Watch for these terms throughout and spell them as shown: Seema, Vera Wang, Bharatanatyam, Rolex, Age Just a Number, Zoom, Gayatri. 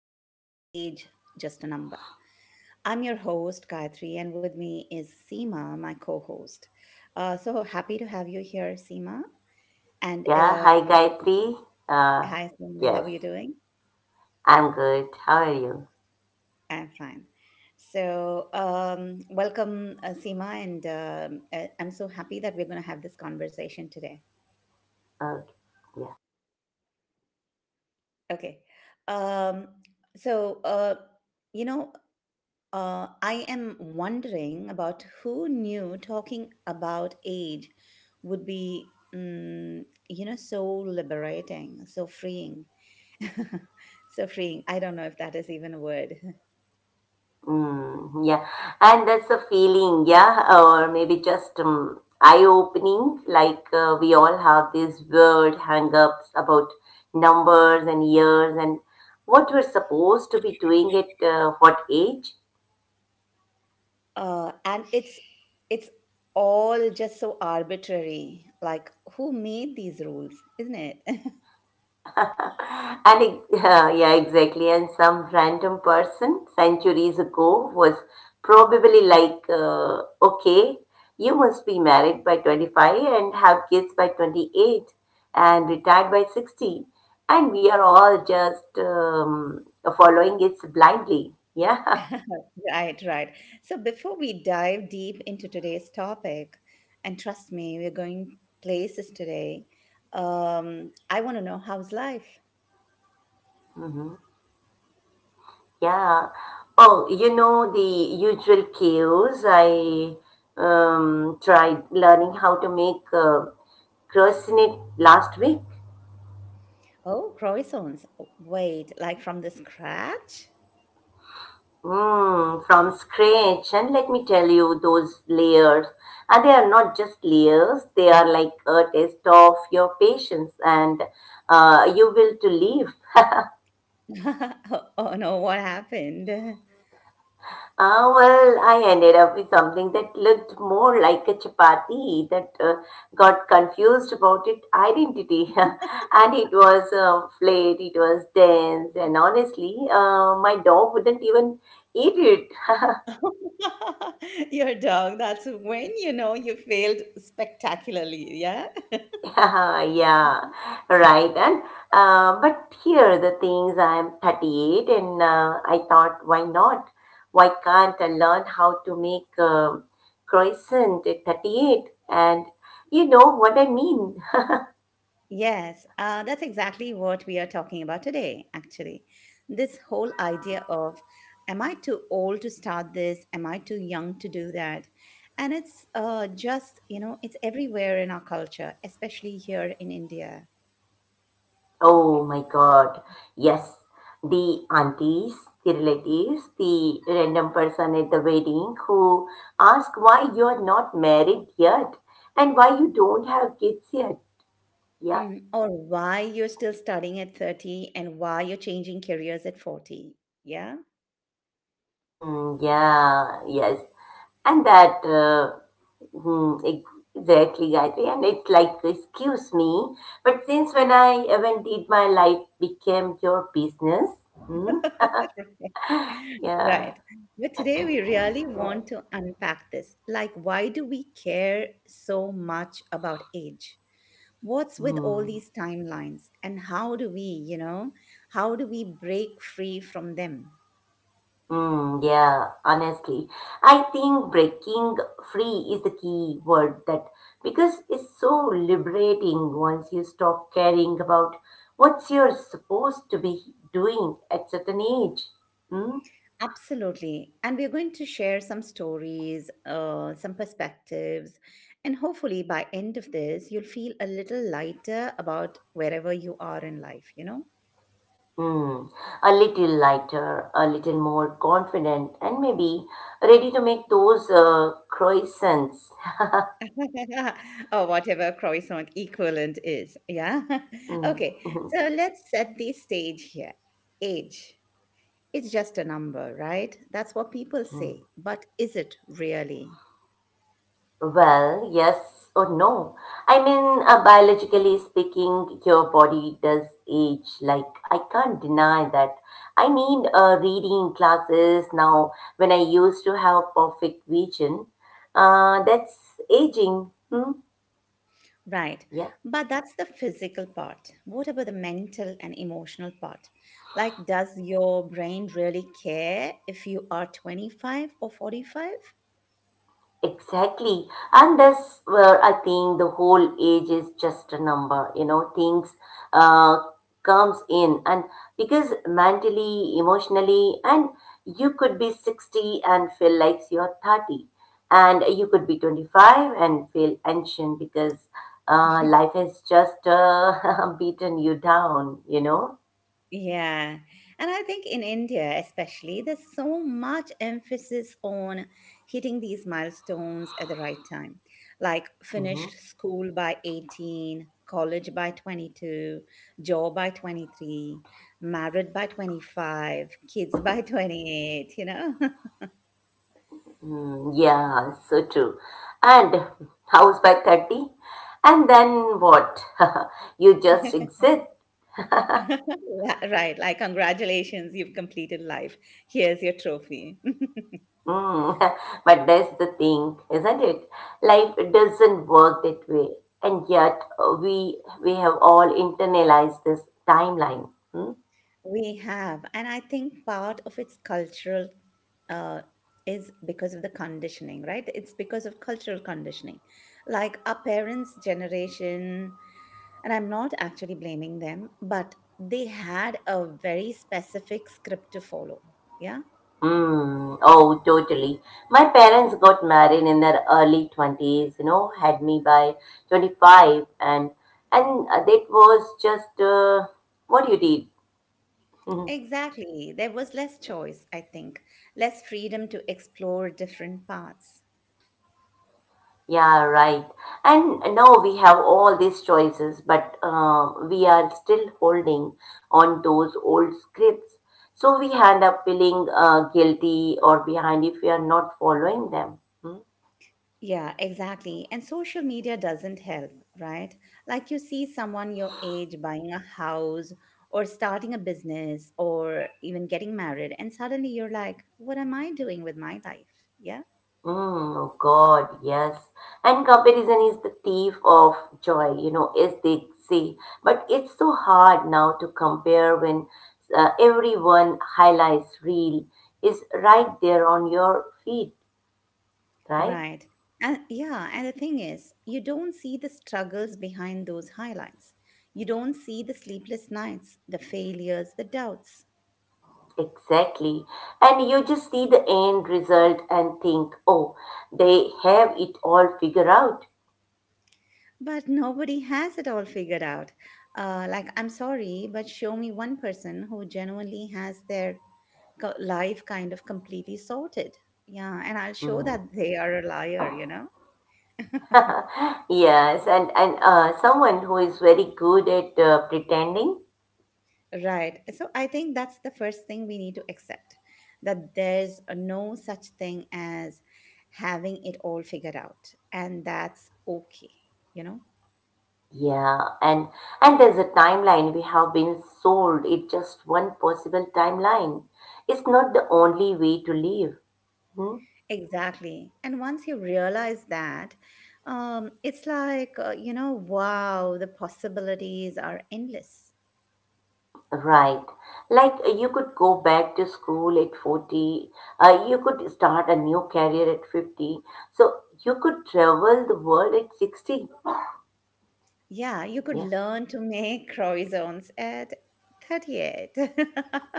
of Age Just a Number. I'm your host, Gayatri, and with me is Seema, my co host. So happy to have you here, Seema. And Yeah, hi Gayatri. Uh, Hi, Seema. How yes, are you doing? I'm good. How are you? I'm fine. Welcome, Seema, and I'm so happy that we're going to have this conversation today. Okay. Yeah. Okay. Um, so, uh, you know, I am wondering about who knew talking about age would be, so liberating, so freeing. So freeing. I don't know if that is even a word. Mm, yeah. And that's a feeling, yeah, or maybe just eye-opening. Like we all have these weird hang-ups about numbers and years and what we're supposed to be doing at what age. And it's all just so arbitrary. Like, who made these rules, isn't it? and ex- yeah, exactly. And some random person centuries ago was probably like, okay, you must be married by 25 and have kids by 28 and retired by 60. And we are all just following it blindly. Yeah. Right, right. So before we dive deep into today's topic, and trust me, we're going places today. I want to know, how's life? hmm. Yeah. Oh, you know the usual chaos. I tried learning how to make croissant last week. Oh, croissants. Wait, like from the scratch? Mm, from scratch, and let me tell you, those layers, and they are not just layers, they are like a test of your patience and you will to live. Oh, oh no, what happened? Ah, well, I ended up with something that looked more like a chapati that got confused about its identity. and it was flat, it was dense, and honestly, my dog wouldn't even eat it. Your dog, that's when you know you failed spectacularly, yeah? yeah, right. And but here the things I'm 38, and I thought, why not? Why can't I learn how to make croissant at 38? And you know what I mean? Yes, that's exactly what we are talking about today, actually. This whole idea of, am I too old to start this? Am I too young to do that? And it's just, it's everywhere in our culture, especially here in India. Oh my God! Yes, the aunties, the relatives, the random person at the wedding who ask why you are not married yet and why you don't have kids yet. Yeah. Mm, or why you're still studying at 30 and why you're changing careers at 40. Yeah. Mm, yeah, yes. And that, hmm, ex- Exactly, Gayatri. And it's like, excuse me, but since when I, when did my life became your business? Hmm? Yeah. Right. But today we really want to unpack this. Like, why do we care so much about age? What's with all Hmm. these timelines? And how do we, you know, how do we break free from them? Mm, yeah, honestly, I think breaking free is the key word that because it's so liberating once you stop caring about what you're supposed to be doing at certain age. Hmm? Absolutely. And we're going to share some stories, some perspectives, and hopefully by end of this, you'll feel a little lighter about wherever you are in life, you know? Hmm, a little lighter, a little more confident, and maybe ready to make those croissants. Or whatever croissant equivalent is. Yeah. Hmm. Okay. So let's set the stage here. Age. It's just a number, right? That's what people say. But is it really? Well, yes or no. I mean, biologically speaking, your body does age. Like, I can't deny that. I need reading classes now when I used to have perfect vision. That's aging. Hmm? Right. Yeah. But that's the physical part. What about the mental and emotional part? Like, does your brain really care if you are 25 or 45? Exactly. And that's where I think the whole age is just a number, you know, things uh, comes in and because mentally, emotionally, and you could be 60 and feel like you're 30 and you could be 25 and feel ancient because life has just beaten you down, you know. Yeah. And I think in India, especially, there's so much emphasis on hitting these milestones at the right time, like Mm-hmm. finish school by 18, college by 22, job by 23, married by 25, kids by 28, you know? Mm, yeah, so true. And house by 30, and then what? You just exit. Right, like congratulations, you've completed life. Here's your trophy. Mm. But that's the thing, isn't it? Life doesn't work that way. And yet, we have all internalized this timeline. Hmm? We have, and I think part of its cultural uh, is because of the conditioning, right? It's because of cultural conditioning. Like our parents' generation, and I'm not actually blaming them, but they had a very specific script to follow. Yeah, Hmm. Oh, totally. My parents got married in their early 20s, you know, had me by 25 and that was just what you did. Mhm. exactly. There was less choice, I think, less freedom to explore different paths. Yeah, right. And now we have all these choices, but we are still holding on those old scripts. So we end up feeling guilty or behind if we are not following them. Hmm? Yeah, exactly. And social media doesn't help, right? Like you see someone your age buying a house or starting a business or even getting married, and suddenly you're like, what am I doing with my life? Yeah. Mm, oh God, yes. And comparison is the thief of joy, you know, as they say. But it's so hard now to compare when everyone highlights real is right there on your feet, right? Right. And yeah, and the thing is, you don't see the struggles behind those highlights. You don't see the sleepless nights, the failures, the doubts. Exactly. And you just see the end result and think, oh, they have it all figured out. But nobody has it all figured out. Like, I'm sorry, but show me one person who genuinely has their life kind of completely sorted. Yeah, and I'll show Mhm. that they are a liar, you know? yes, and someone who is very good at pretending. Right. So I think that's the first thing we need to accept, that there's no such thing as having it all figured out. And that's okay, you know? Yeah, and there's a timeline we have been sold. It's just one possible timeline. It's not the only way to live. Hmm? Exactly. And once you realize that, it's like, you know, wow, the possibilities are endless. Right. Like you could go back to school at 40, you could start a new career at 50. So you could travel the world at 60. Yeah, you could Yeah. learn to make croissants at 38.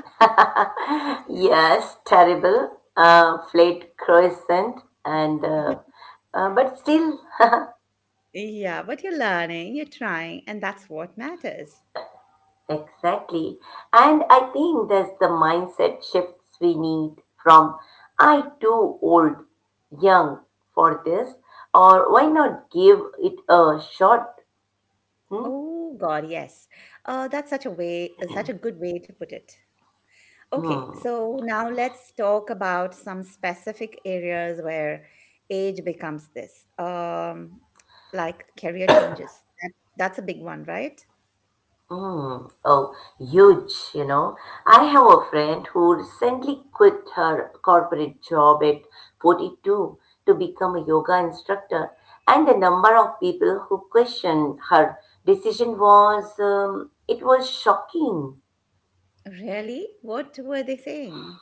Yes, terrible. Flat crescent and but still Yeah, but you're learning, you're trying, and that's what matters. exactly. And I think that's the mindset shifts we need from I too old, young for this, or why not give it a shot. Hmm. Oh God, yes. That's such a way, Such a good way to put it. Okay, hmm. so now let's talk about some specific areas where age becomes this, like career changes. That's a big one, right? Hmm. Oh, huge, you know. I have a friend who recently quit her corporate job at 42 to become a yoga instructor, and the number of people who questioned her decision was it was shocking. Really? What were they saying?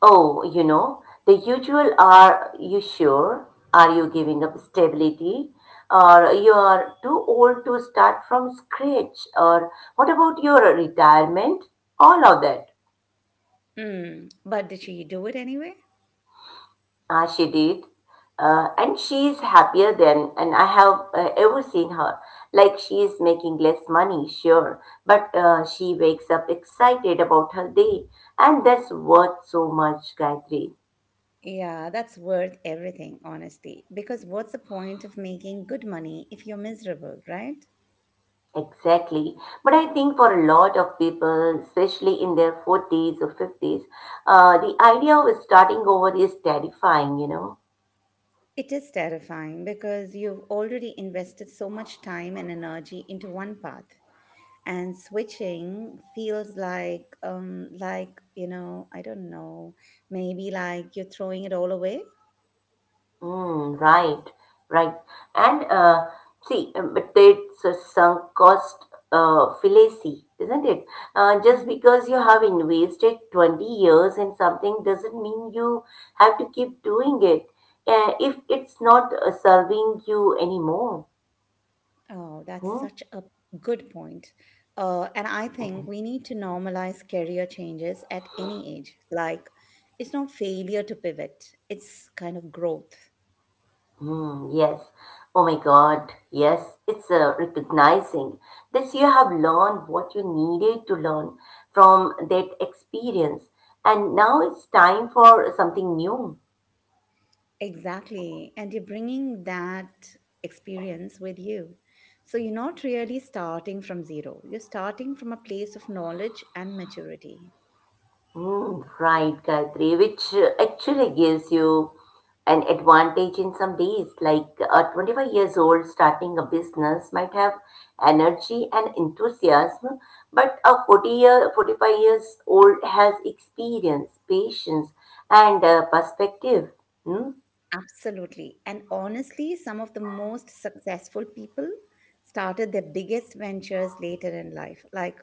Oh, you know, the usual are you sure? Are you giving up stability? Or you are too old to start from scratch? Or what about your retirement? All of that. Mm, but did she do it anyway? Ah, she did. And she is happier than and I have ever seen her. Like she is making less money, sure, but she wakes up excited about her day, and that's worth so much, Gayatri. Yeah, that's worth everything, honestly. Because what's the point of making good money if you're miserable, right? Exactly. But I think for a lot of people, especially in their 40s or 50s, the idea of starting over is terrifying, you know. It is terrifying because you've already invested so much time and energy into one path, and switching feels like, I don't know, maybe like you're throwing it all away. Mm, right, right. And uh, but it's a sunk cost fallacy, isn't it? Just Hmm. because you have invested 20 years in something doesn't mean you have to keep doing it if it's not serving you anymore. Oh, that's Hmm? such a good point. And I think we need to normalize career changes at any age. Like, it's not failure to pivot, it's kind of growth. Hmm, yes. Oh my God. Yes, it's recognizing this you have learned what you needed to learn from that experience, and now it's time for something new. Exactly. And you're bringing that experience with you. So you're not really starting from zero. You're starting from a place of knowledge and maturity. Mm, right, Gayatri, which actually gives you an advantage in some days. Like a 25 years old starting a business might have energy and enthusiasm, but a 45 years old has experience, patience, and perspective. Hmm? Absolutely. And honestly, some of the most successful people started their biggest ventures later in life. Like,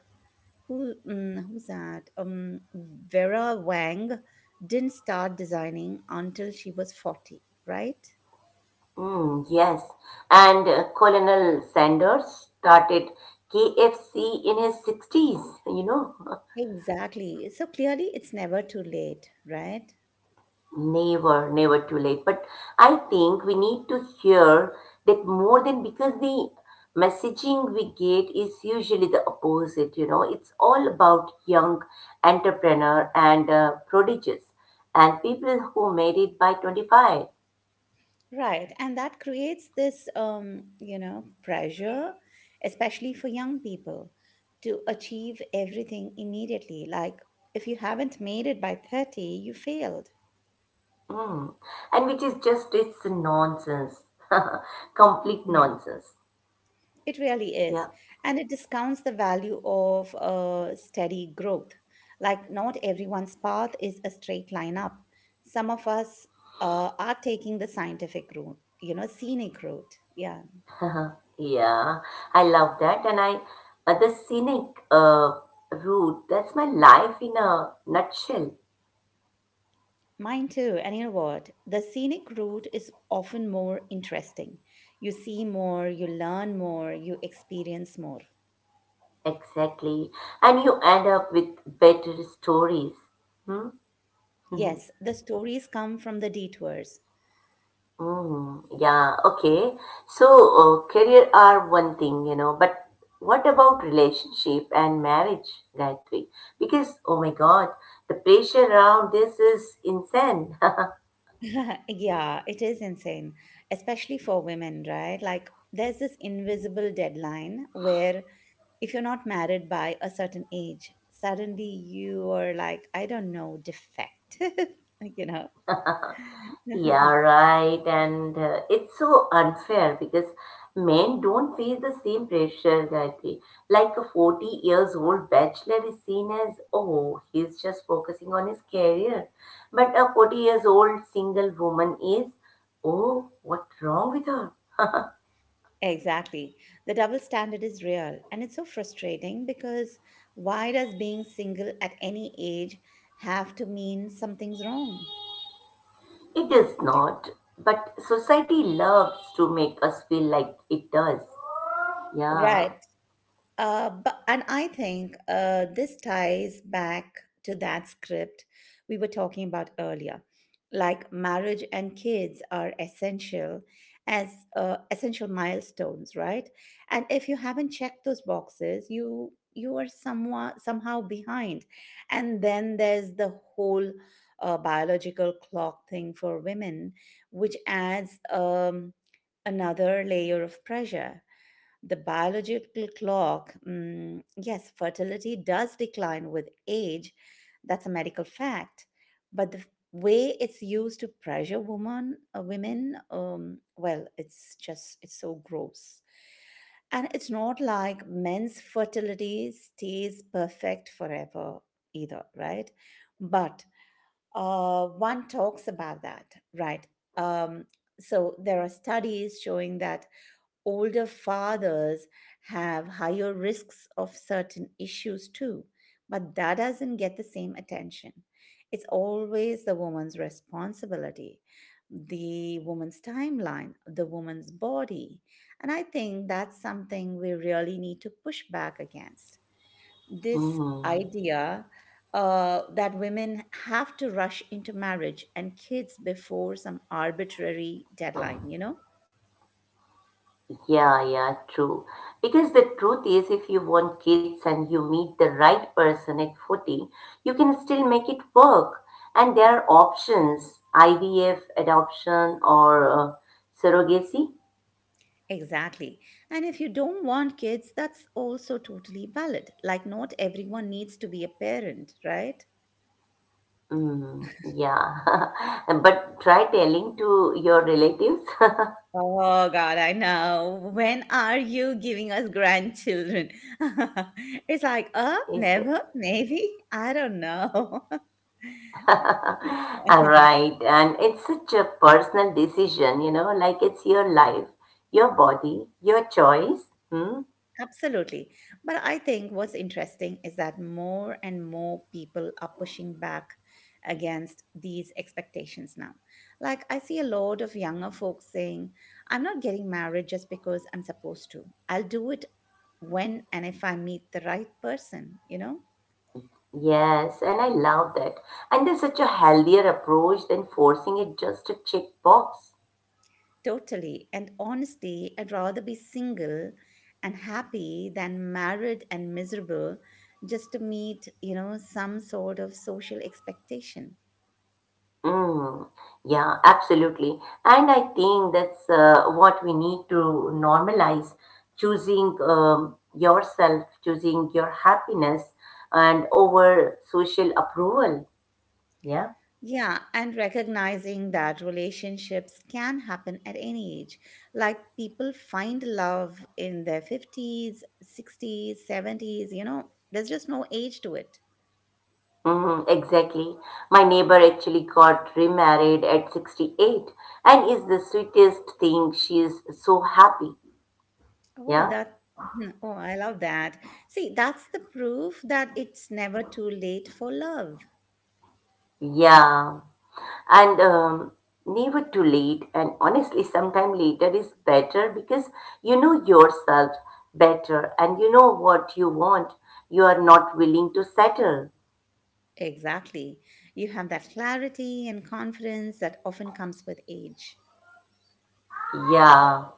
who, who's that? Vera Wang didn't start designing until she was 40, right? Mm, yes. And Colonel Sanders started KFC in his 60s, you know. Exactly. So clearly, it's never too late, right? Never, never too late. But I think we need to hear that more than because the messaging we get is usually the opposite, you know. It's all about young entrepreneur and prodigies and people who made it by 25. Right. And that creates this, pressure, especially for young people, to achieve everything immediately. Like, if you haven't made it by 30, you failed. Mm. And which is just, it's nonsense. Complete Mhm. nonsense. It really Yeah. is. And it discounts the value of steady growth. Like, not everyone's path is a straight line up. Some of us are taking the scientific route, you know, scenic route. Yeah. Uh-huh. Yeah, I love that. And the scenic route, that's my life in a nutshell. Mine too. And you know what? The scenic route is often more interesting. You see more, you learn more, you experience more. Exactly. And you end up with better stories. Hmm? Mhm. Yes, the stories come from the detours. Mm, yeah, okay. So, career are one thing, you know, but what about relationship and marriage, Gayatri? Because, oh my God, the pressure around this is insane. Yeah, it is insane, especially for women, right? Like, there's this invisible deadline where if you're not married by a certain age, suddenly you are like, I don't know, defective, you know? Yeah, right. And it's so unfair because men don't face the same pressure that way. Like a 40 years old bachelor is seen as, oh, he's just focusing on his career. But a 40 years old single woman is, oh, what's wrong with her? Exactly. The double standard is real, and it's so frustrating because why does being single at any age have to mean something's wrong? It does not. But society loves to make us feel like it does. Yeah. Right. But, and I think this ties back to that script we were talking about earlier. Like marriage and kids are essential as essential milestones, right? And if you haven't checked those boxes, you are somewhat somehow behind. And then there's the whole biological clock thing for women, which adds another layer of pressure. The biological clock, mm, yes, fertility does decline with age. That's a medical fact. But the way it's used to pressure women, well, it's just, it's so gross. And it's not like men's fertility stays perfect forever either, right? But one talks about that, right? Um, so there are studies showing that older fathers have higher risks of certain issues too, but that doesn't get the same attention. It's always the woman's responsibility, the woman's timeline, the woman's body. And I think that's something we really need to push back against. This Hmm. idea that women have to rush into marriage and kids before some arbitrary deadline, you know? Yeah, yeah, true. Because the truth is, if you want kids and you meet the right person at 40, you can still make it work. And there are options IVF, adoption, or surrogacy. Exactly. And if you don't want kids, that's also totally valid. Like, not everyone needs to be a parent, right? Mm, yeah. But try telling to your relatives. Oh, God, I know. When are you giving us grandchildren? It's like, Is it? never, maybe. I don't know. All right. And it's such a personal decision, you know, like it's your life, your body, your choice. Hmm? Absolutely. But I think what's interesting is that more and more people are pushing back against these expectations now. Like, I see a lot of younger folks saying, I'm not getting married just because I'm supposed to. I'll do it when and if I meet the right person, you know? Yes, and I love that. And there's such a healthier approach than forcing it just to check box. Totally. And honestly, I'd rather be single and happy than married and miserable just to meet, you know, some sort of social expectation. Mm, yeah, absolutely. And I think that's what we need to normalize, choosing yourself, choosing your happiness, and over social approval. Yeah. Yeah, and recognizing that relationships can happen at any age. Like people find love in their 50s, 60s, 70s, you know, there's just no age to it. Mm, exactly. My neighbor actually got remarried at 68 and is the sweetest thing. She is so happy. Oh, Yeah. that, Mhm. Oh, I love that. See, that's the proof that it's never too late for love. Yeah, and never too late. And honestly, sometime later is better because you know yourself better and you know what you want. You are not willing to settle. Exactly. You have that clarity and confidence that often comes with age. Yeah,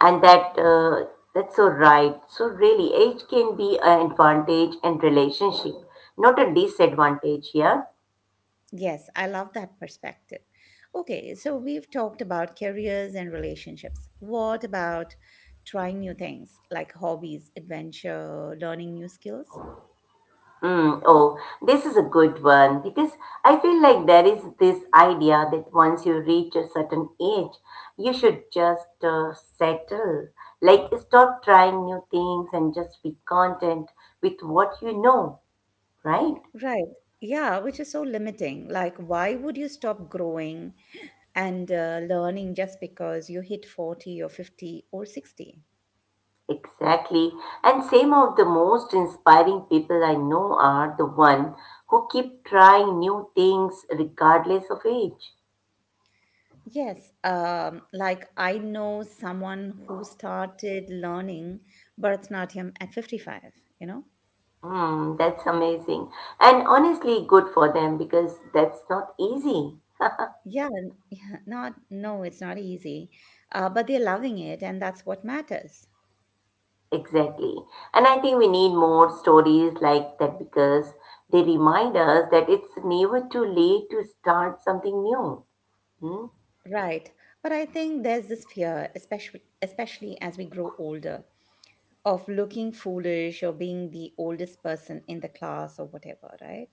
and that's so right. So really, age can be an advantage in relationship, not a disadvantage. Yeah. Yes, I love that perspective. Okay, so we've talked about careers and relationships. What about trying new things like hobbies, adventure, learning new skills? Mm, oh, this is a good one because I feel like there is this idea that once you reach a certain age, you should just settle. Like, stop trying new things and just be content with what you know, right? Right. Yeah, which is so limiting. Like, why would you stop growing and learning just because you hit 40 or 50 or 60? Exactly. And some of the most inspiring people I know are the one who keep trying new things regardless of age. Yes, like I know someone who started learning Bharatanatyam at 55, you know? Mm, that's amazing. And honestly, good for them because that's not easy. Yeah, n- yeah, not, no, it's not easy. But they're loving it, and that's what matters. Exactly. And I think we need more stories like that because they remind us that it's never too late to start something new. Hmm? Right. But I think there's this fear, especially as we grow older, of looking foolish or being the oldest person in the class or whatever, right?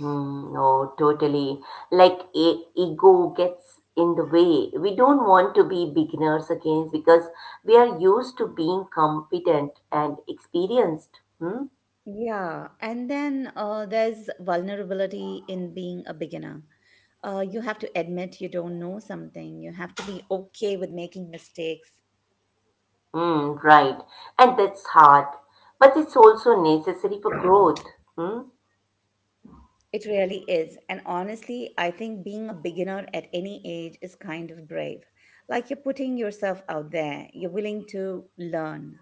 Mm, no, totally. Like ego gets in the way. We don't want to be beginners again because we are used to being competent and experienced. Hmm? Yeah. And then there's vulnerability in being a beginner. You have to admit you don't know something. You have to be okay with making mistakes. Mm, right. And that's hard, but it's also necessary for growth. Hmm? It really is. And honestly, I think being a beginner at any age is kind of brave. Like you're putting yourself out there, you're willing to learn.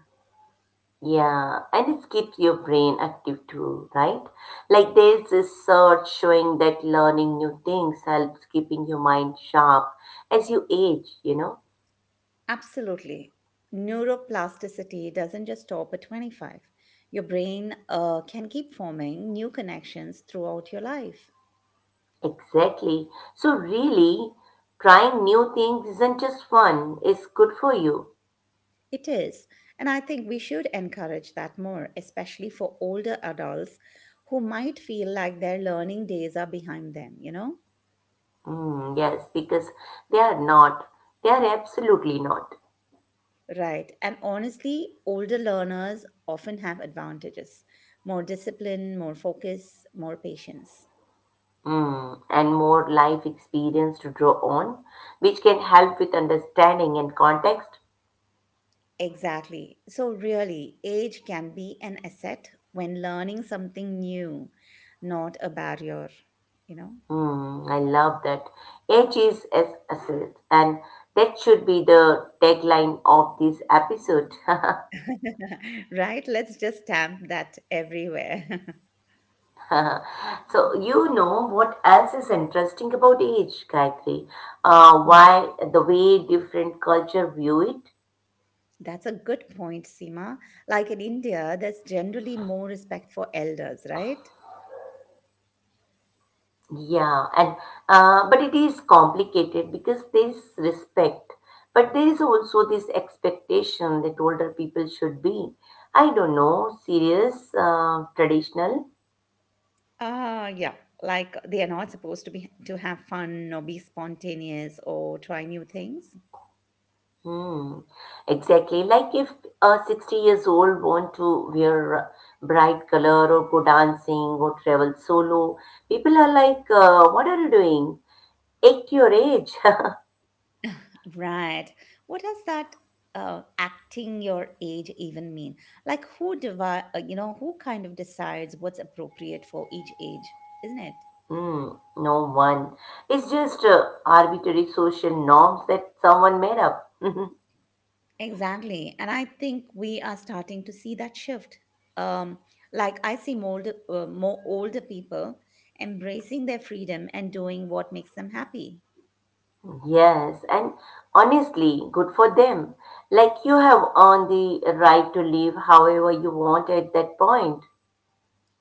Yeah, and it keeps your brain active too, right? Like there's this research showing that learning new things helps keeping your mind sharp as you age, you know? Absolutely. Neuroplasticity doesn't just stop at 25. Your brain can keep forming new connections throughout your life. Exactly. So really, trying new things isn't just fun, it's good for you. It is. And I think we should encourage that more, especially for older adults who might feel like their learning days are behind them, you know? Mm, yes, because they are not. They are absolutely not. Right. And honestly, older learners often have advantages, more discipline, more focus, more patience. Mm, and more life experience to draw on, which can help with understanding and context. Exactly. So, really, age can be an asset when learning something new, not a barrier, you know? Mm, I love that. Age is as asset, and that should be the tagline of this episode. Right? Let's just stamp that everywhere. so you know what else is interesting about age, Gayatri? Hmm. Why the way different culture view it? That's a good point, Seema. Like in India, there's generally more respect for elders, right? Yeah, and but it is complicated because there is respect, but there is also this expectation that older people should be, I don't know, serious, traditional. Uh yeah, like they are not supposed to be to have fun or be spontaneous or try new things. Hmm. Exactly. Like if a 60-year-old years old want to wear bright color or go dancing or travel solo, people are like, what are you doing? At your age. Right. What does that acting your age even mean? Like you know, who kind of decides what's appropriate for each age, isn't it? Hmm. No one. It's just arbitrary social norms that someone made up. Exactly. And I think we are starting to see that shift. Um like I see more older people embracing their freedom and doing what makes them happy. Yes, and honestly, good for them. Like you have earned the right to live however you want at that point.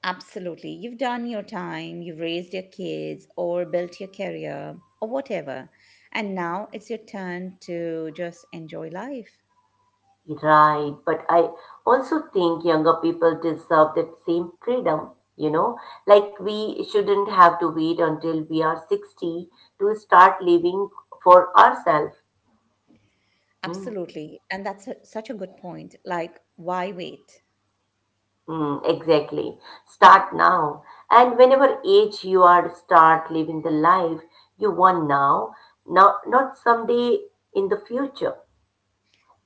Absolutely. You've done your time, you've raised your kids, or built your career, or whatever. And now it's your turn to just enjoy life. Right, but I also think younger people deserve that same freedom, you know? Like we shouldn't have to wait until we are 60 to start living for ourselves. Hmm. Absolutely. And that's such a good point. Like, why wait? Mm, exactly. Start now. And whenever age you are, start living the life you want now, now not someday in the future.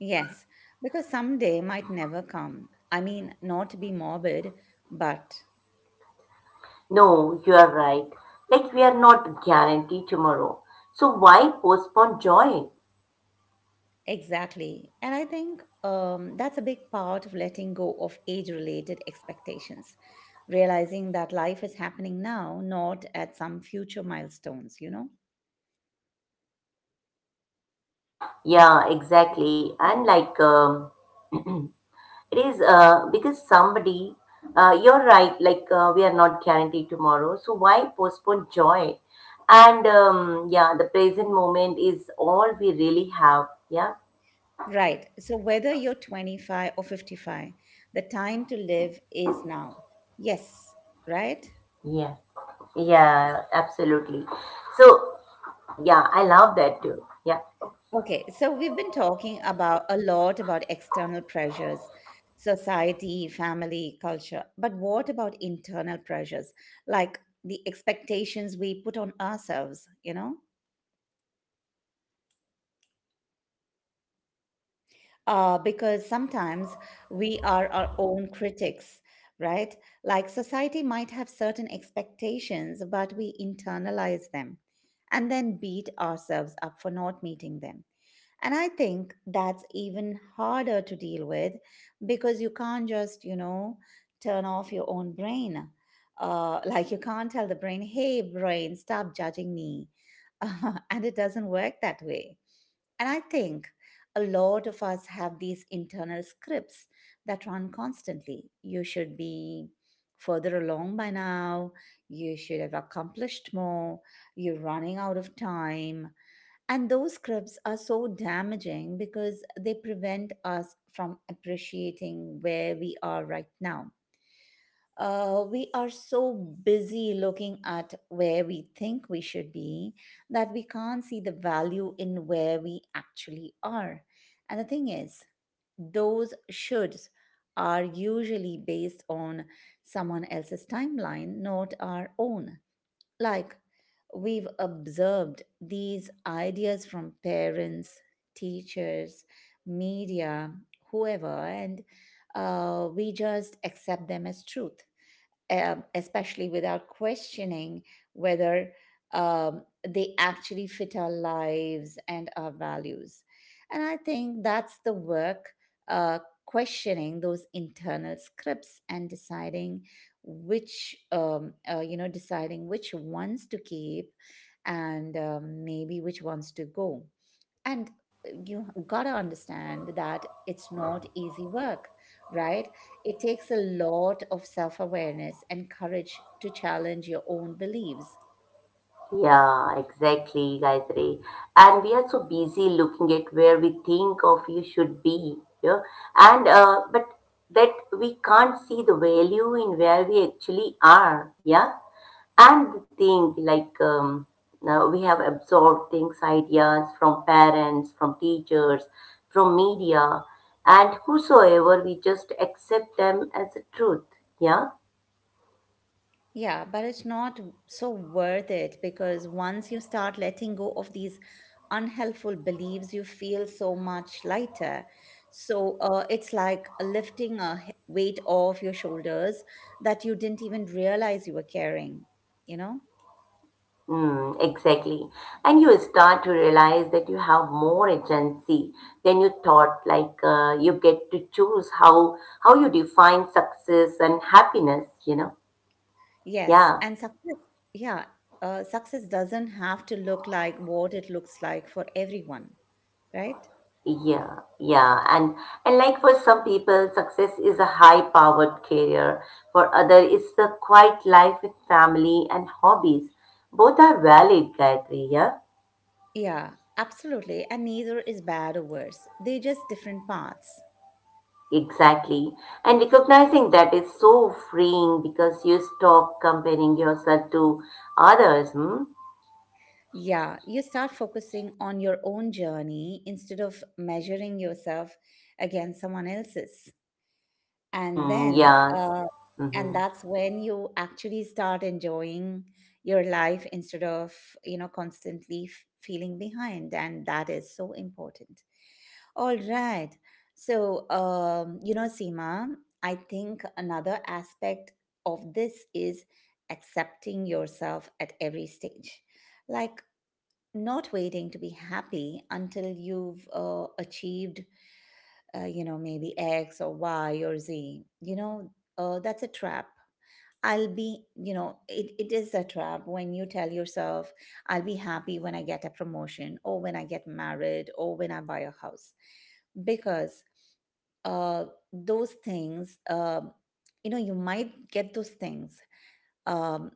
Yes, because someday might never come. I mean, not to be morbid, but No, you are right. Like we are not guaranteed tomorrow. So why postpone joy? exactly. And I think that's a big part of letting go of age related expectations, realizing that life is happening now, not at some future milestones, you know? Yeah, exactly. And like it is because somebody, you're right, like we are not guaranteed tomorrow. So why postpone joy? And yeah, the present moment is all we really have. Yeah, Right. So whether you're 25 or 55, the time to live is now. Yes, right? yeah, yeah, absolutely. So yeah, I love that too. Yeah. Okay. So we've been talking about a lot about external pressures, society, family, culture. But what about internal pressures? Like the expectations we put on ourselves, you know? Because sometimes we are our own critics, right? Like society might have certain expectations, but we internalize them and then beat ourselves up for not meeting them. And I think that's even harder to deal with because you can't just turn off your own brain. Like you can't tell the brain, hey, brain, stop judging me. And it doesn't work that way. And I think a lot of us have these internal scripts that run constantly. You should be further along by now. You should have accomplished more. You're running out of time. And those scripts are so damaging because they prevent us from appreciating where we are right now. We are so busy looking at where we think we should be that we can't see the value in where we actually are. And the thing is, those shoulds are usually based on someone else's timeline, not our own. Like we've observed these ideas from parents, teachers, media, whoever, and we just accept them as truth, especially without questioning whether, they actually fit our lives and our values. And I think that's the work uh, questioning those internal scripts and deciding deciding which ones to keep and maybe which ones to go. And you gotta understand that it's not easy work, right? It takes a lot of self awareness and courage to challenge your own beliefs. Yeah, exactly, Gayatri. And we are so busy looking at where we think of you should be, yeah. And but that we can't see the value in where we actually are, yeah. And the thing like now we have absorbed things, ideas from parents, from teachers, from media, and whosoever we just accept them as a truth, yeah. Yeah, but it's not so worth it because once you start letting go of these unhelpful beliefs, you feel so much lighter. So it's like lifting a weight off your shoulders that you didn't even realize you were carrying, you know? Mm, exactly. And you start to realize that you have more agency than you thought. Like you get to choose how you define success and happiness, you know? Yes, Yeah. and success, yeah, success doesn't have to look like what it looks like for everyone, right? Yeah. Yeah. And like for some people, success is a high-powered career. For other, it's a quiet life with family and hobbies. Both are valid, Gayatri, yeah? Yeah, absolutely. And neither is bad or worse. They're just different paths. Exactly. And recognizing that is so freeing because you stop comparing yourself to others. Hmm? Yeah, you start focusing on your own journey instead of measuring yourself against someone else's. and Mm, then yes. uh, and Mm-hmm. that's when you actually start enjoying your life instead of, you know, constantly feeling behind. And that is so important. All right, so you know, Seema, I think another aspect of this is accepting yourself at every stage, like not waiting to be happy until you've achieved, you know, maybe X or Y or Z. You know, that's a trap. I'll be, you know, it is a trap when you tell yourself, I'll be happy when I get a promotion or when I get married or when I buy a house. Because uh, those things, you know, you might get those things, um,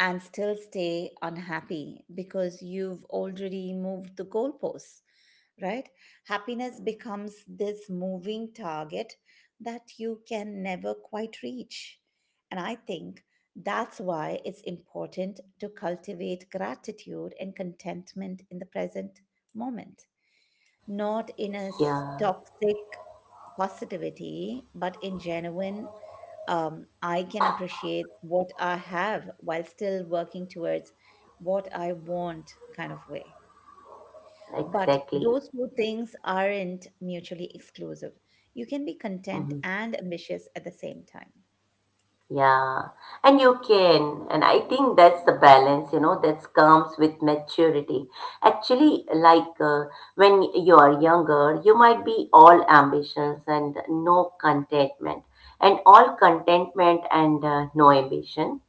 and still stay unhappy because you've already moved the goalposts, right? Happiness becomes this moving target that you can never quite reach. And I think that's why it's important to cultivate gratitude and contentment in the present moment, not in a Yeah, toxic positivity, but in genuine. I can appreciate what I have while still working towards what I want kind of way. But exactly. those two things aren't mutually exclusive. You can be content Mm-hmm. and ambitious at the same time. Yeah. And you can. And I think that's the balance, you know, that comes with maturity. Actually, like when you are younger, you might be all ambitions and no contentment, and all contentment and no ambition.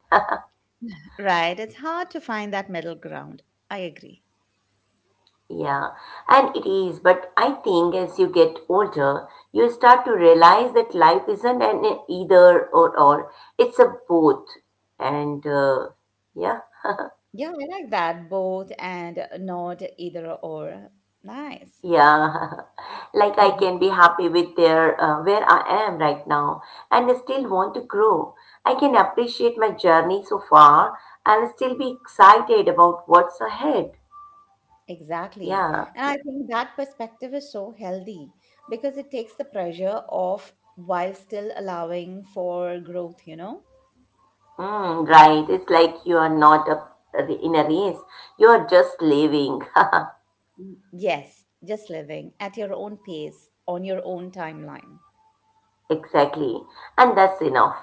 Right. It's hard to find that middle ground. I agree. Yeah, and it is, but I think as you get older, you start to realize that life isn't an either or, it's a both. And yeah, Yeah, I like that. Both and not either or. Nice. yeah, like I can be happy with there where I am right now and I still want to grow. I can appreciate my journey so far and still be excited about what's ahead. Exactly. Yeah. And I think that perspective is so healthy because it takes the pressure off while still allowing for growth, you know? Mm, right. It's like you are not a, in a race. You are just living. Mm, yes, just living at your own pace, on your own timeline. Exactly. And that's enough.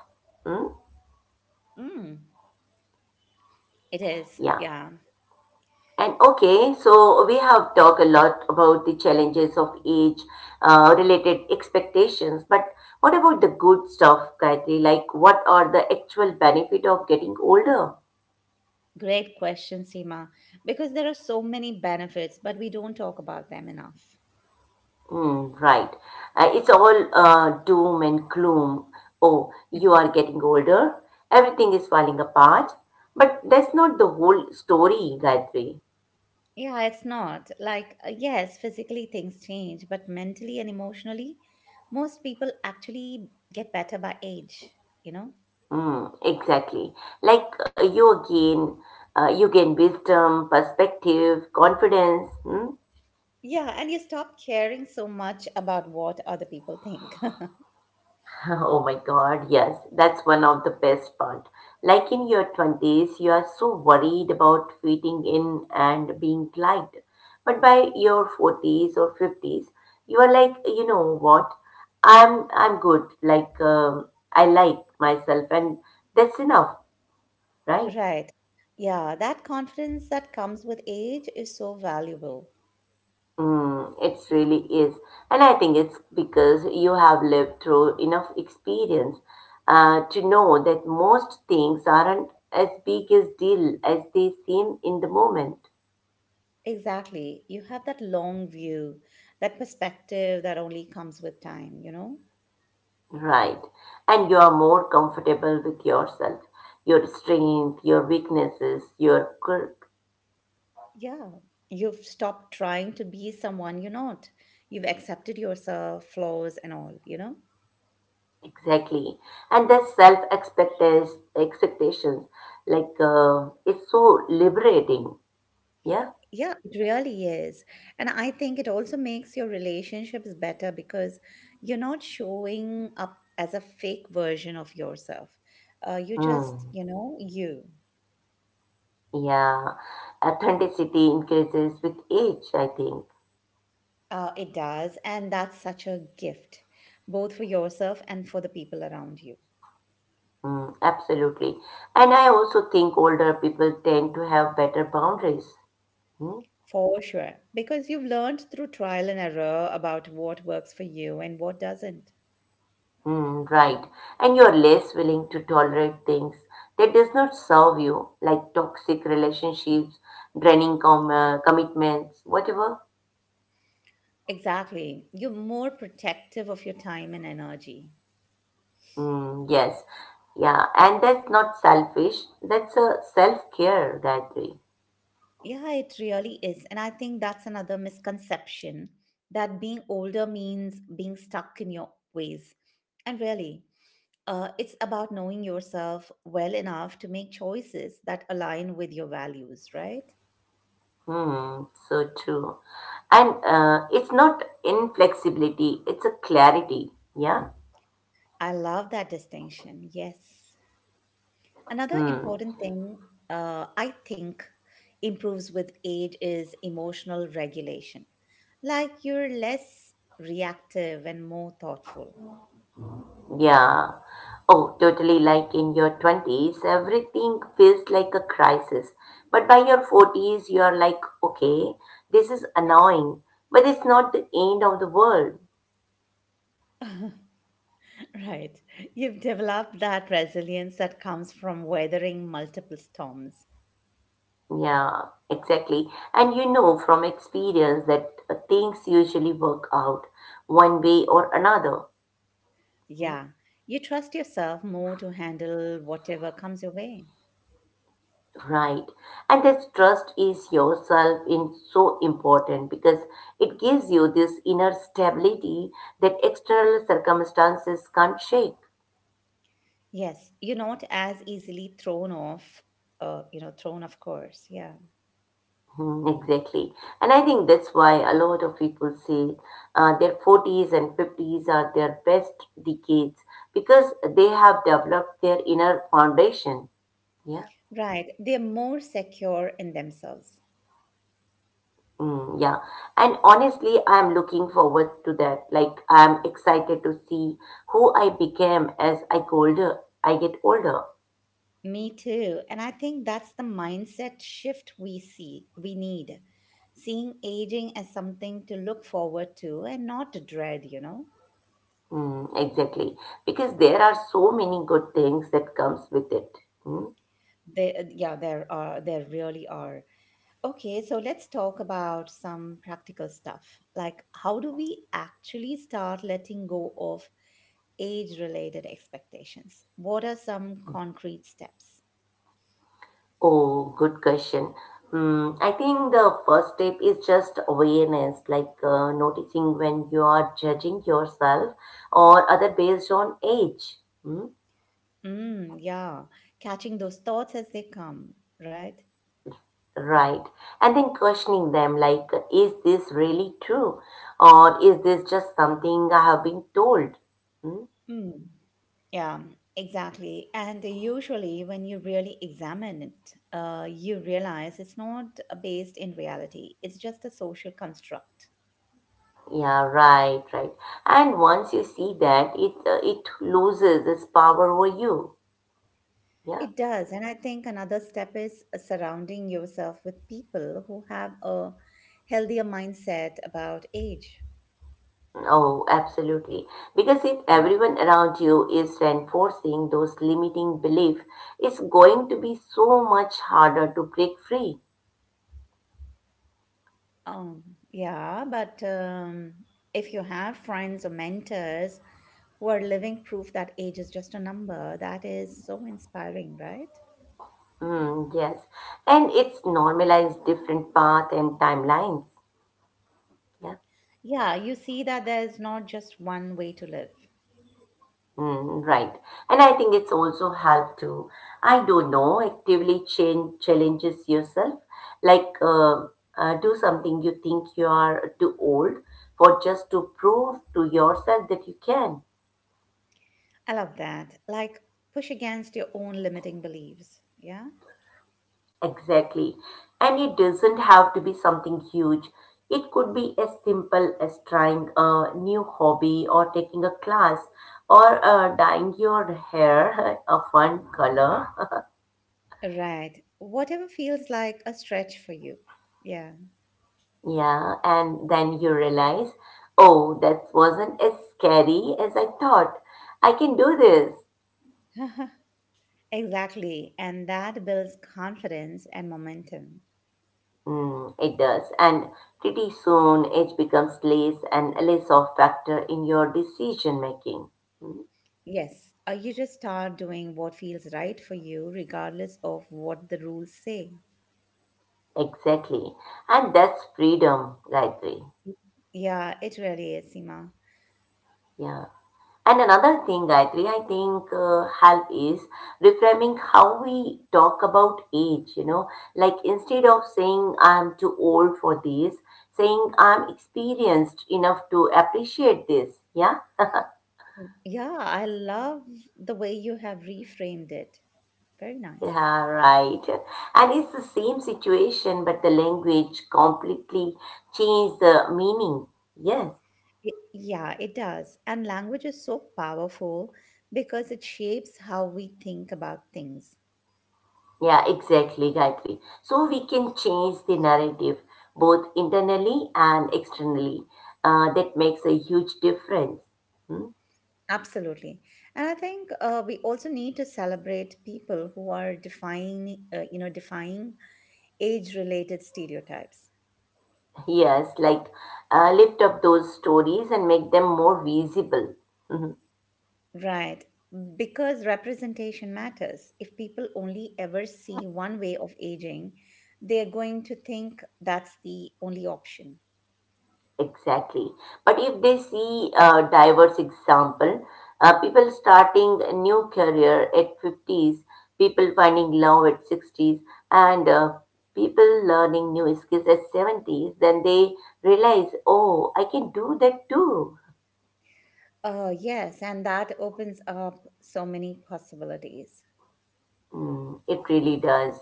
Mm, Mm, it is. yeah. Yeah. And okay, so we have talked a lot about the challenges of age related expectations, but what about the good stuff, Gayatri? Like, what are the actual benefit of getting older? Great question, Seema, because there are so many benefits, but we don't talk about them enough. Mm, right. It's all doom and gloom. Oh, you are getting older. Everything is falling apart. But that's not the whole story, Gayatri. Yeah, it's not. Like, yes, physically things change, but mentally and emotionally, most people actually get better by age, you know? Mm, exactly. Like you again, you gain wisdom, perspective, confidence. Hmm? Yeah, and you stop caring so much about what other people think. Oh my God, yes, that's one of the best part. Like in your 20s, you are so worried about fitting in and being liked. But by your 40s or 50s, you are like, you know what? I'm good. Like I like myself and that's enough, right? Right. Yeah, that confidence that comes with age is so valuable. Mm, it really is. And I think it's because you have lived through enough experience to know that most things aren't as big a deal as they seem in the moment. Exactly. You have that long view, that perspective that only comes with time, you know? Right. And you are more comfortable with yourself, your strength, your weaknesses, your quirk. Yeah, you've stopped trying to be someone you're not. You've accepted yourself, flaws, and all, you know? Exactly. And that self expectations, like, it's so liberating. Yeah. Yeah, it really is. And I think it also makes your relationships better because you're not showing up as a fake version of yourself. You just, Mm. you know, you. Yeah, authenticity increases with age, I think. It does. And that's such a gift, both for yourself and for the people around you. Mm, absolutely. And I also think older people tend to have better boundaries. Mm, For sure. Because you've learned through trial and error about what works for you and what doesn't. mm, right. And you're less willing to tolerate things that does not serve you, like toxic relationships, commitments, whatever. Exactly. You're more protective of your time and energy. Mm, yes. Yeah. And that's not selfish. That's a self-care that way. Yeah, it really is. And I think that's another misconception, that being older means being stuck in your ways. And really, it's about knowing yourself well enough to make choices that align with your values, right? Hmm, so true. And it's not inflexibility, it's a clarity. Yeah. I love that distinction. Yes. Another Hmm. important thing, I think improves with age is emotional regulation. Like you're less reactive and more thoughtful. Yeah. Oh, totally. Like in your 20s, everything feels like a crisis. But by your 40s, you are like, okay, this is annoying, but it's not the end of the world. Right. You've developed that resilience that comes from weathering multiple storms. Yeah, exactly. And you know from experience that things usually work out one way or another. Yeah. You trust yourself more to handle whatever comes your way. Right. And this trust is yourself is so important because it gives you this inner stability that external circumstances can't shake. Yes, you're not as easily thrown off, you know, thrown off course. Yeah. Hmm, exactly. And I think that's why a lot of people say their 40s and 50s are their best decades because they have developed their inner foundation. Yeah. Right. They're more secure in themselves. Mm, yeah. And honestly, I'm looking forward to that. Like, I'm excited to see who I became as I go older, I get older. Me too. And I think that's the mindset shift we see we need. Seeing aging as something to look forward to and not to dread, you know. Mm, exactly. Because there are so many good things that comes with it. Mm. There, yeah, there are, there really are. Okay, so let's talk about some practical stuff. Like how do we actually start letting go of age related expectations? What are some concrete steps? Oh, good question. Mm, I think the first step is just awareness, like noticing when you are judging yourself or other based on age. Mm. Mm, yeah, catching those thoughts as they come, right? Right. And then questioning them like, is this really true? Or is this just something I have been told? Hmm? Mm. Yeah, exactly. And usually, when you really examine it, you realize it's not based in reality, it's just a social construct. Yeah, right. And once you see that, it loses its power over you. Yeah. It does. And I think another step is surrounding yourself with people who have a healthier mindset about age. Oh, absolutely. Because if everyone around you is reinforcing those limiting beliefs, it's going to be so much harder to break free. Um, yeah, but if you have friends or mentors who are living proof that age is just a number, that is so inspiring, right? Mm, yes. And it's normalized different path and timelines. Yeah. Yeah, you see that there's not just one way to live. Mm, right. And I think it's also helped to, I don't know, actively change challenges yourself. Like, do something you think you are too old for just to prove to yourself that you can. I love that. Like, push against your own limiting beliefs. Yeah? Exactly. And it doesn't have to be something huge. It could be as simple as trying a new hobby or taking a class or dyeing your hair a fun color. Right. Whatever feels like a stretch for you. Yeah. Yeah, and then you realize, oh, that wasn't as scary as I thought. I can do this. Exactly. And that builds confidence and momentum. Mm, it does. And pretty soon it becomes less and less of factor in your decision making. Yes, you just start doing what feels right for you, regardless of what the rules say. Exactly. And that's freedom, Gayatri. Yeah, it really is, Seema. Yeah. And another thing, Gayatri, I think help is reframing how we talk about age, you know, like instead of saying I'm too old for this, saying I'm experienced enough to appreciate this. Yeah. Yeah, I love the way you have reframed it. Very nice. Yeah, right. And it's the same situation, but the language completely changed the meaning. Yes. Yeah, it does. And language is so powerful because it shapes how we think about things. Yeah, exactly, Gayatri. So we can change the narrative both internally and externally. That makes a huge difference. Hmm? Absolutely. And I think we also need to celebrate people who are you know, defying age-related stereotypes. Yes, like lift up those stories and make them more visible. Mm-hmm. Right. Because representation matters. If people only ever see one way of aging, they're going to think that's the only option. Exactly. But if they see a diverse example, people starting a new career at 50s, people finding love at 60s, and people learning new skills at 70s, then they realize, oh, I can do that too. Yes, and that opens up so many possibilities. Mm, it really does.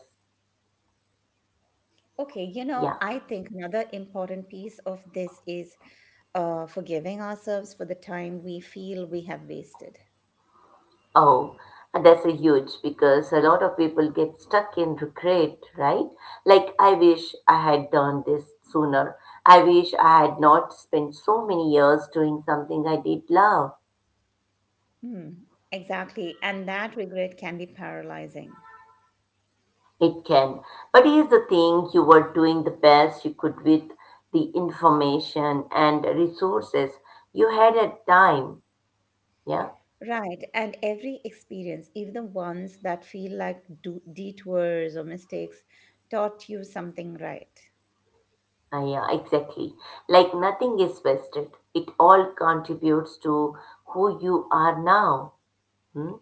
Okay, you know, Yeah. I think another important piece of this is forgiving ourselves for the time we feel we have wasted. Oh, and that's a huge because a lot of people get stuck in regret, right? Like, I wish I had done this sooner. I wish I had not spent so many years doing something I did love. Hmm, exactly. And that regret can be paralyzing. It can. But here's the thing you were doing the best you could with the information and resources you had at time. Yeah, Right. And every experience, even the ones that feel like detours or mistakes, taught you something right. ah, yeah, exactly. Like, nothing is wasted, it all contributes to who you are now. Hmm.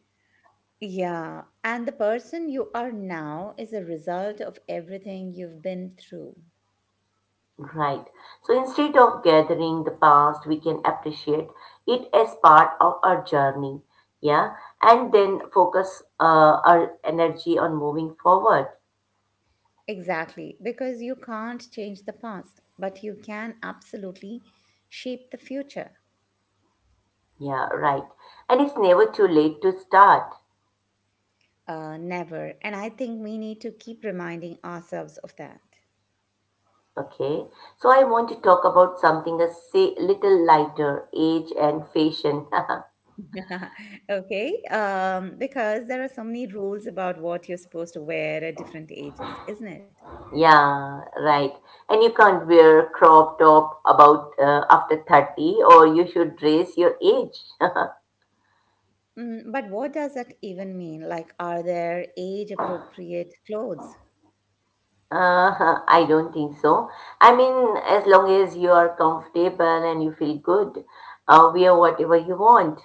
Yeah, and the person you are now is a result of everything you've been through. Right. So instead of gathering the past, we can appreciate it as part of our journey. Yeah. And then focus our energy on moving forward. Exactly, because you can't change the past, but you can absolutely shape the future. Yeah. Right. And it's never too late to start. Never. And I think we need to keep reminding ourselves of that. Okay. So I want to talk about something a say, little lighter age and fashion. Okay, because there are so many rules about what you're supposed to wear at different ages, isn't it? Yeah. Right. And you can't wear crop top about after 30 or you should dress your age. Mm, but what does that even mean? Like, are there age appropriate clothes? I don't think so. I mean, as long as you are comfortable and you feel good, wear whatever you want.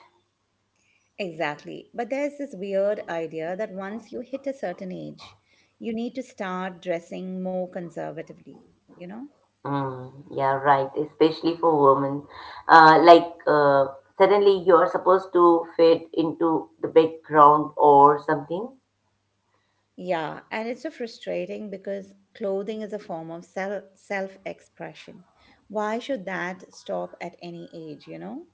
Exactly. But there's this weird idea that once you hit a certain age, you need to start dressing more conservatively, you know? Mm, yeah, right. Especially for women, uh, like uh, suddenly you are supposed to fit into the background or something. Yeah, and it's so frustrating because clothing is a form of self expression. Why should that stop at any age, you know?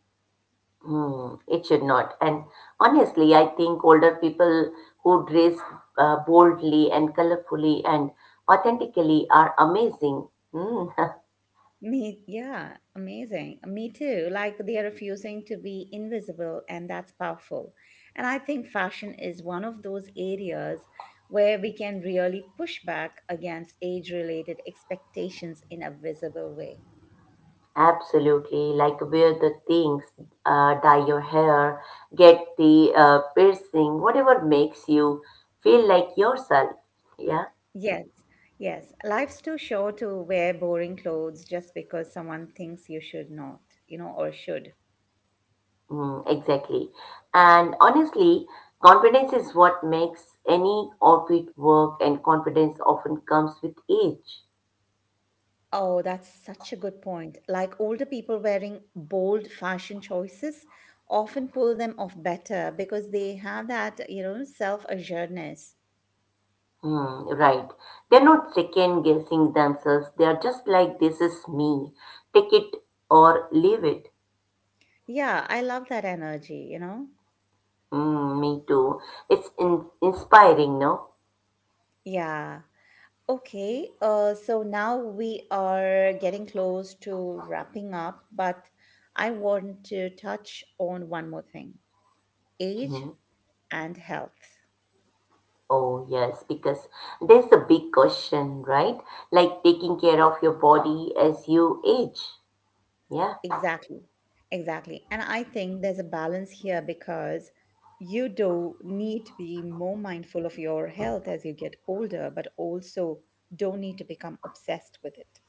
Mm, it should not. And honestly, I think older people who dress boldly and colorfully and authentically are amazing. Mm. Me, yeah, amazing. Me too. Like they are refusing to be invisible, and that's powerful. And I think fashion is one of those areas where we can really push back against age related expectations in a visible way. Absolutely, like wear the things, dye your hair, get the piercing, whatever makes you feel like yourself. Yeah, Yes, yes. Life's too short to wear boring clothes just because someone thinks you should not, you know, or should. mm, exactly. And honestly, confidence is what makes any outfit work, and confidence often comes with age. Oh, that's such a good point. Like older people wearing bold fashion choices often pull them off better because they have that, you know, self-assuredness. Hmm, right. They're not second guessing themselves. They are just like, this is me. Take it or leave it. Yeah, I love that energy, you know? Hmm, me too. It's inspiring, no? Yeah. Okay. So now we are getting close to wrapping up, but I want to touch on one more thing, age Mhm. and health. Oh, yes, because there's a big question, right? Like taking care of your body as you age. Yeah, Exactly. Exactly. And I think there's a balance here because you do need to be more mindful of your health as you get older, but also don't need to become obsessed with it.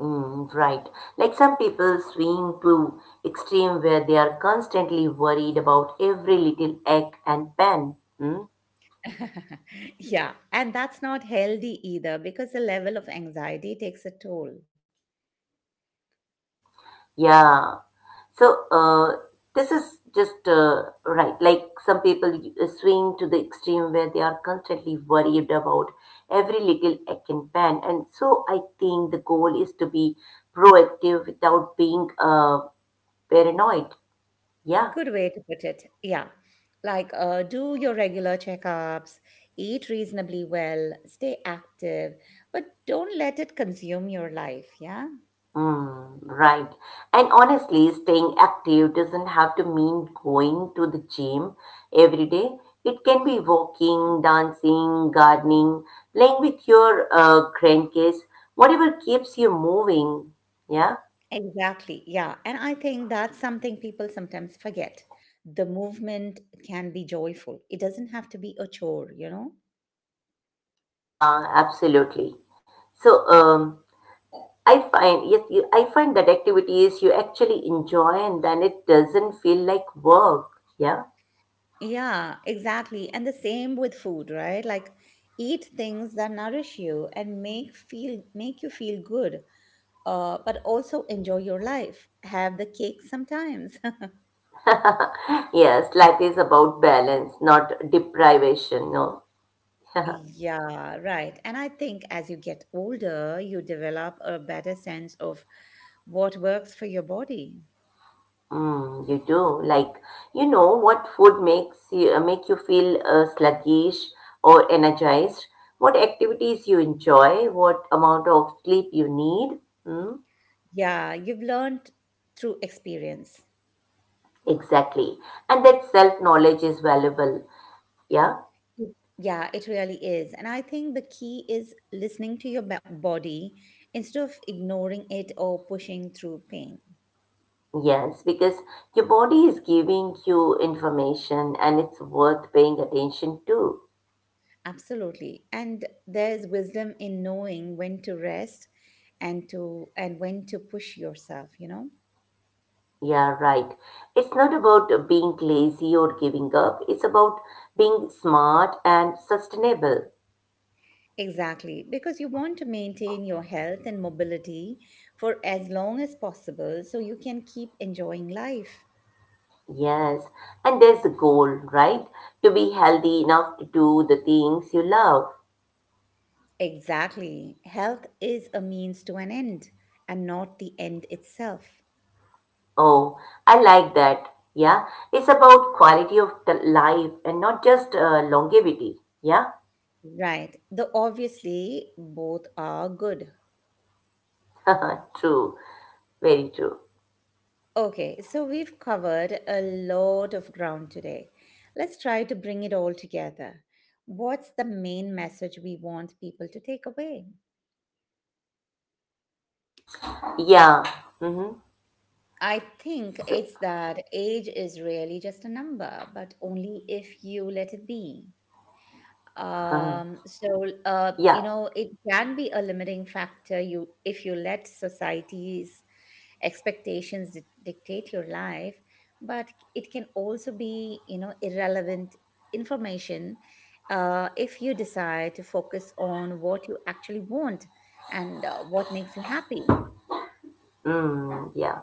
mm, right. Like some people swing to extreme where they are constantly worried about every little ache and pain. Mm? Yeah. And that's not healthy either because the level of anxiety takes a toll. Yeah. So uh, this is just right. Like some people swing to the extreme where they are constantly worried about every little act and pan. And so I think the goal is to be proactive without being paranoid. Yeah. Good way to put it. Yeah. Like, do your regular checkups, eat reasonably well, stay active, but don't let it consume your life. Yeah. Mm, right. And honestly, staying active doesn't have to mean going to the gym every day. It can be walking, dancing, gardening, playing with your grandkids, whatever keeps you moving. Yeah. Exactly. Yeah. And I think that's something people sometimes forget. The movement can be joyful, it doesn't have to be a chore, you know? Yeah, absolutely. So, um, I find that activities you actually enjoy, and then it doesn't feel like work. Yeah. Yeah, exactly. And the same with food, right? Like eat things that nourish you and make you feel good. But also enjoy your life. Have the cake sometimes. Yes, life is about balance, not deprivation. No. Yeah, right. And I think as you get older, you develop a better sense of what works for your body. Mm, you do. Like, you know what food makes you make you feel sluggish or energized? What activities you enjoy? What amount of sleep you need? Mm, Yeah, you've learned through experience. exactly. And that self-knowledge is valuable. Yeah. Mm. Yeah, it really is. And I think the key is listening to your body instead of ignoring it or pushing through pain. Yes, because your body is giving you information and it's worth paying attention to. Absolutely. And there's wisdom in knowing when to rest and when to push yourself, you know? Yeah, right. It's not about being lazy or giving up. It's about being smart and sustainable. Exactly, because you want to maintain your health and mobility for as long as possible so you can keep enjoying life. Yes, and there's the goal, right? To be healthy enough to do the things you love. Exactly. Health is a means to an end and not the end itself. Oh, I like that. Yeah, it's about quality of the life and not just longevity. Yeah, Right. Though obviously both are good. true, very true. Okay, so we've covered a lot of ground today. Let's try to bring it all together. What's the main message we want people to take away? Yeah, mm-hmm. I think So, it's that age is really just a number, but only if you let it be. um so uh you yeah, know it can be a limiting factor you if you let society's expectations dictate your life, but it can also be, you know, irrelevant information if you decide to focus on what you actually want and what makes you happy. mm, yeah,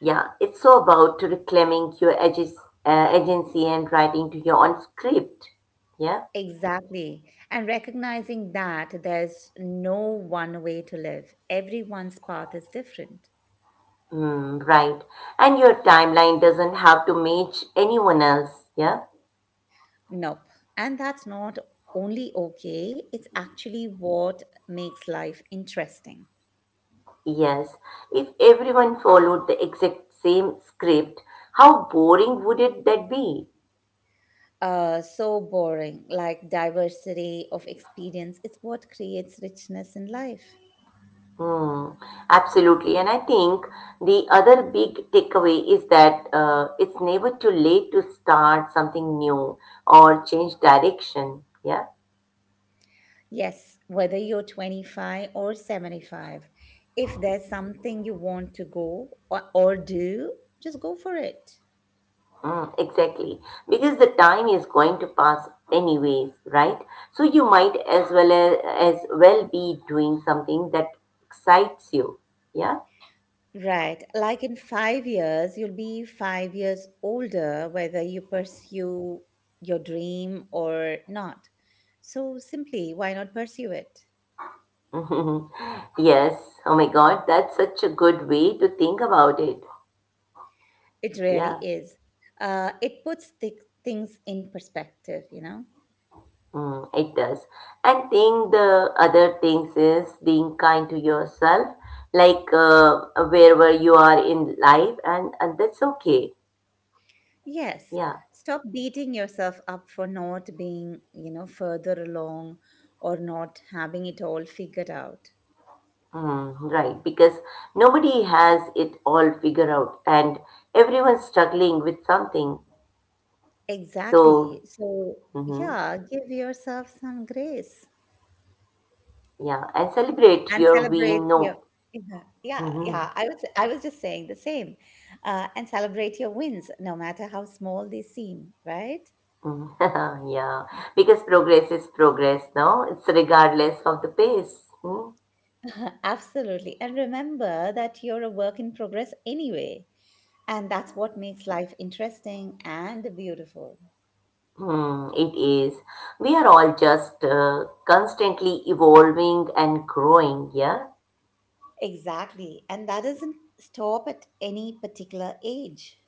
yeah. It's so about reclaiming your edges, agency and writing to your own script. Yeah. Exactly, and recognizing that there's no one way to live, everyone's path is different. Hmm, right. And your timeline doesn't have to match anyone else. Yeah? Nope. And that's not only okay, it's actually what makes life interesting. Yes. If everyone followed the exact same script, how boring would it that be? So boring, like diversity of experience, it's what creates richness in life. Hmm, absolutely. And I think the other big takeaway is that it's never too late to start something new or change direction. Yeah? Yes, whether you're 25 or 75, if there's something you want to or do, just go for it. Mm, exactly. Because the time is going to pass anyways, right? So you might as well be doing something that excites you. Yeah? Right. Like in 5 years, you'll be 5 years older, whether you pursue your dream or not. So simply, why not pursue it? Yes. Oh my God, that's such a good way to think about it. It really Yeah. is. It puts things in perspective, you know? Mm, it does. And think the other things is being kind to yourself, like wherever you are in life, and that's okay. Yes. Yeah. Stop beating yourself up for not being, you know, further along or not having it all figured out. Mm, right, because nobody has it all figured out and everyone's struggling with something. Exactly. So, So, hmm, yeah, give yourself some grace. yeah, and celebrate And your we celebrate your know. yeah, yeah, Hmm. yeah, I was just saying the same. And celebrate your wins no matter how small they seem, right? Yeah, because progress is progress, no? It's regardless of the pace. Hmm? Absolutely, and remember that you're a work in progress anyway, and that's what makes life interesting and beautiful. Hmm, it is. We are all just constantly evolving and growing, yeah? Exactly, and that doesn't stop at any particular age.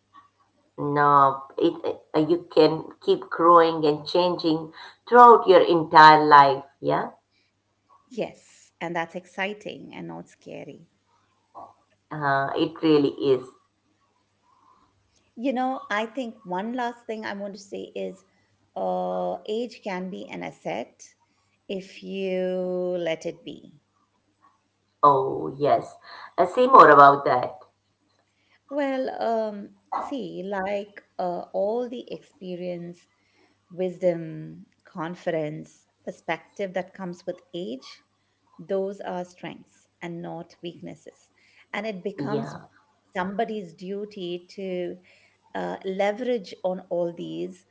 No, you can keep growing and changing throughout your entire life. Yeah, Yes, and that's exciting and not scary. It really is. You know, I think one last thing I want to say is age can be an asset if you let it be. Oh, yes. Say more about that. Well, see, like all the experience, wisdom, confidence, perspective that comes with age, those are strengths and not weaknesses. And it becomes Yeah, somebody's duty to leverage on all these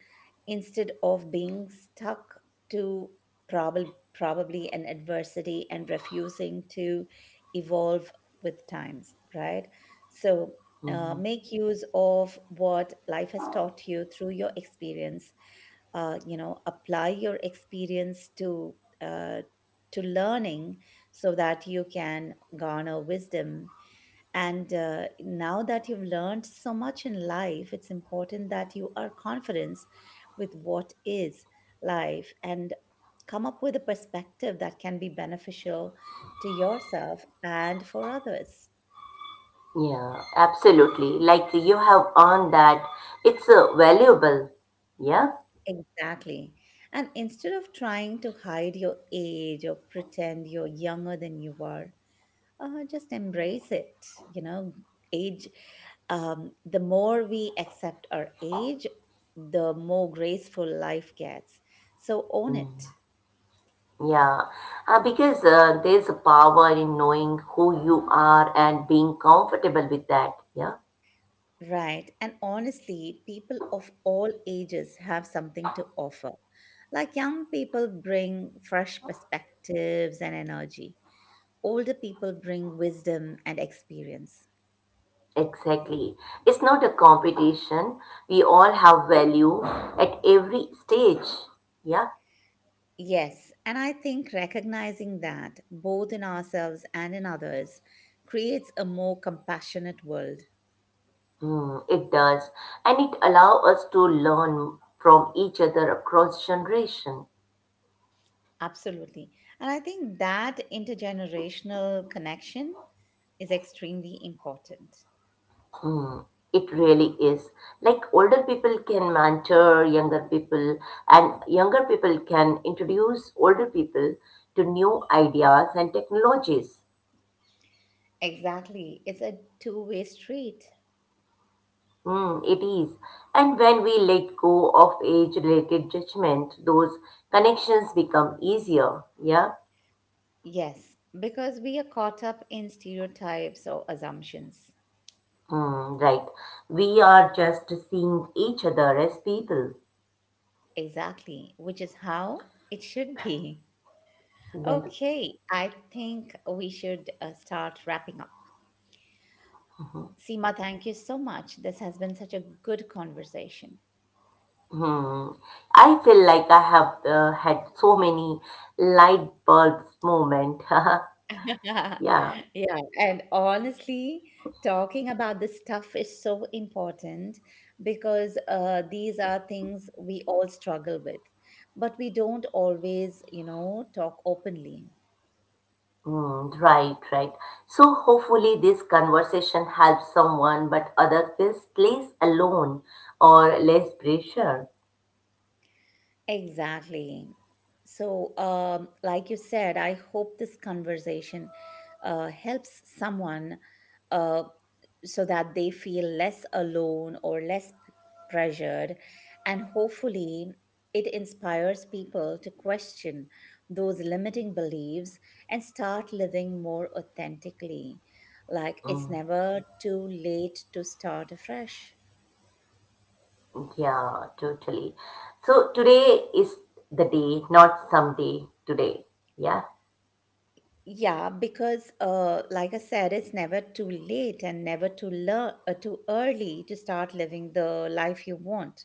instead of being stuck to probably an adversity and refusing to evolve with times, right? So mhm. make use of what life has taught you through your experience. You know, apply your experience uh, to learning so that you can garner wisdom, and now that you've learned so much in life, it's important that you are confident with what is life and come up with a perspective that can be beneficial to yourself and for others. Yeah, absolutely. Like you have earned that. It's valuable. Yeah. Exactly. And instead of trying to hide your age or pretend you're younger than you are, just embrace it, you know? Age. The more we accept our age, the more graceful life gets, so own it. Mm, yeah. Because there's a power in knowing who you are and being comfortable with that. Yeah. Right, and honestly people of all ages have something to offer. Like young people bring fresh perspectives and energy, older people bring wisdom and experience. Exactly. It's not a competition. We all have value at every stage. Yeah. Yes, and I think recognizing that, both in ourselves and in others, creates a more compassionate world. Hmm, it does. And it allows us to learn from each other across generation. Absolutely. And I think that intergenerational connection is extremely important. Hmm, it really is. Like older people can mentor younger people, and younger people can introduce older people to new ideas and technologies. Exactly. It's a two-way street. Mm, it is. And when we let go of age related judgment, those connections become easier. Yeah? Yes, because we are caught up in stereotypes or assumptions. Mm, right. We are just seeing each other as people. Exactly, which is how it should be. Then, Okay, I think we should start wrapping up. Seema, thank you so much. This has been such a good conversation. hmm, I feel like I have had so many light bulbs moment. Yeah, Yeah. and honestly, talking about this stuff is so important because these are things we all struggle with, but we don't always, you know, talk openly. Mm, right, right. So hopefully this conversation helps someone, but other feels less alone or less pressure. Exactly. So, like you said, I hope this conversation helps someone. Uh, so that they feel less alone or less pressured. And hopefully, it inspires people to question those limiting beliefs and start living more authentically. Like it's Hmm. never too late to start afresh. Yeah, totally. So today is the day, not someday, today. Yeah, Yeah, because like I said, it's never too late and never too too early to start living the life you want.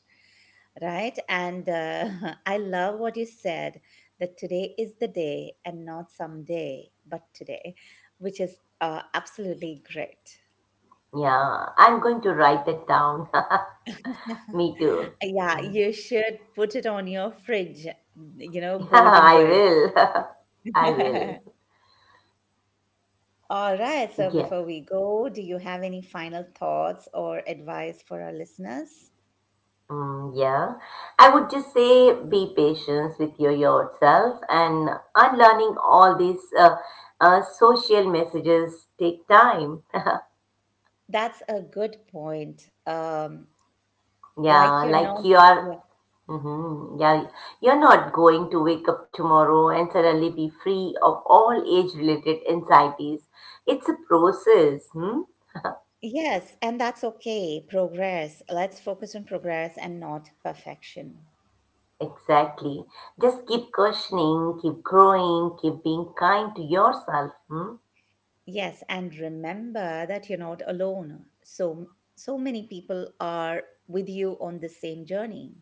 Right? And I love what you said, that today is the day and not someday, but today, which is absolutely great. yeah. I'm going to write that down. Me too. Yeah, you should put it on your fridge, mm, you know, Yeah, golden I word. will. I will. All right. So Yeah. before we go, do you have any final thoughts or advice for our listeners? Mm, yeah. I would just say be patient with yourself and unlearning all these social messages take time. That's a good point. Like Yeah, you're like not, you are, yeah. hmm. Yeah, you're not going to wake up tomorrow and suddenly be free of all age-related anxieties. It's a process. Hmm? Yes, and that's okay. Progress. Let's focus on progress and not perfection. Exactly. Just keep questioning, keep growing, keep being kind to yourself. Hmm? Yes, and remember that you're not alone. So so many people are with you on the same journey.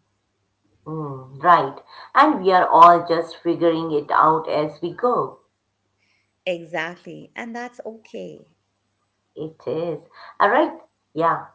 Mm, right. And we are all just figuring it out as we go. Exactly, and that's okay. It is. All right. Yeah.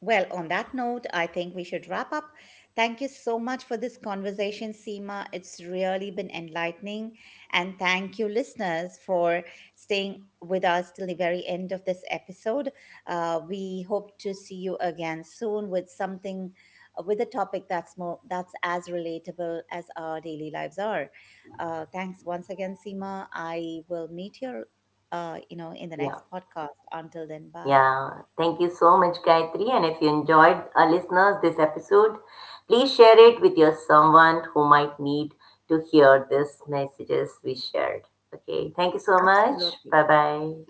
Well, on that note, I think we should wrap up. Thank you so much for this conversation, Seema. It's really been enlightening. And thank you, listeners, for staying with us till the very end of this episode. We hope to see you again soon with something, with a topic that's as relatable as our daily lives are. Thanks once again, Seema. I will meet you, you know, in the Yeah. next podcast. Until then, bye. Yeah, thank you so much, Gayatri. And if you enjoyed, listeners, this episode, please share it with your someone who might need to hear these messages we shared. Okay, thank you so much. Absolutely. Bye-bye.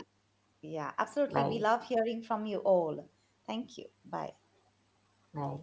Yeah, absolutely. We Bye. love hearing from you all. Thank you. Bye. Bye.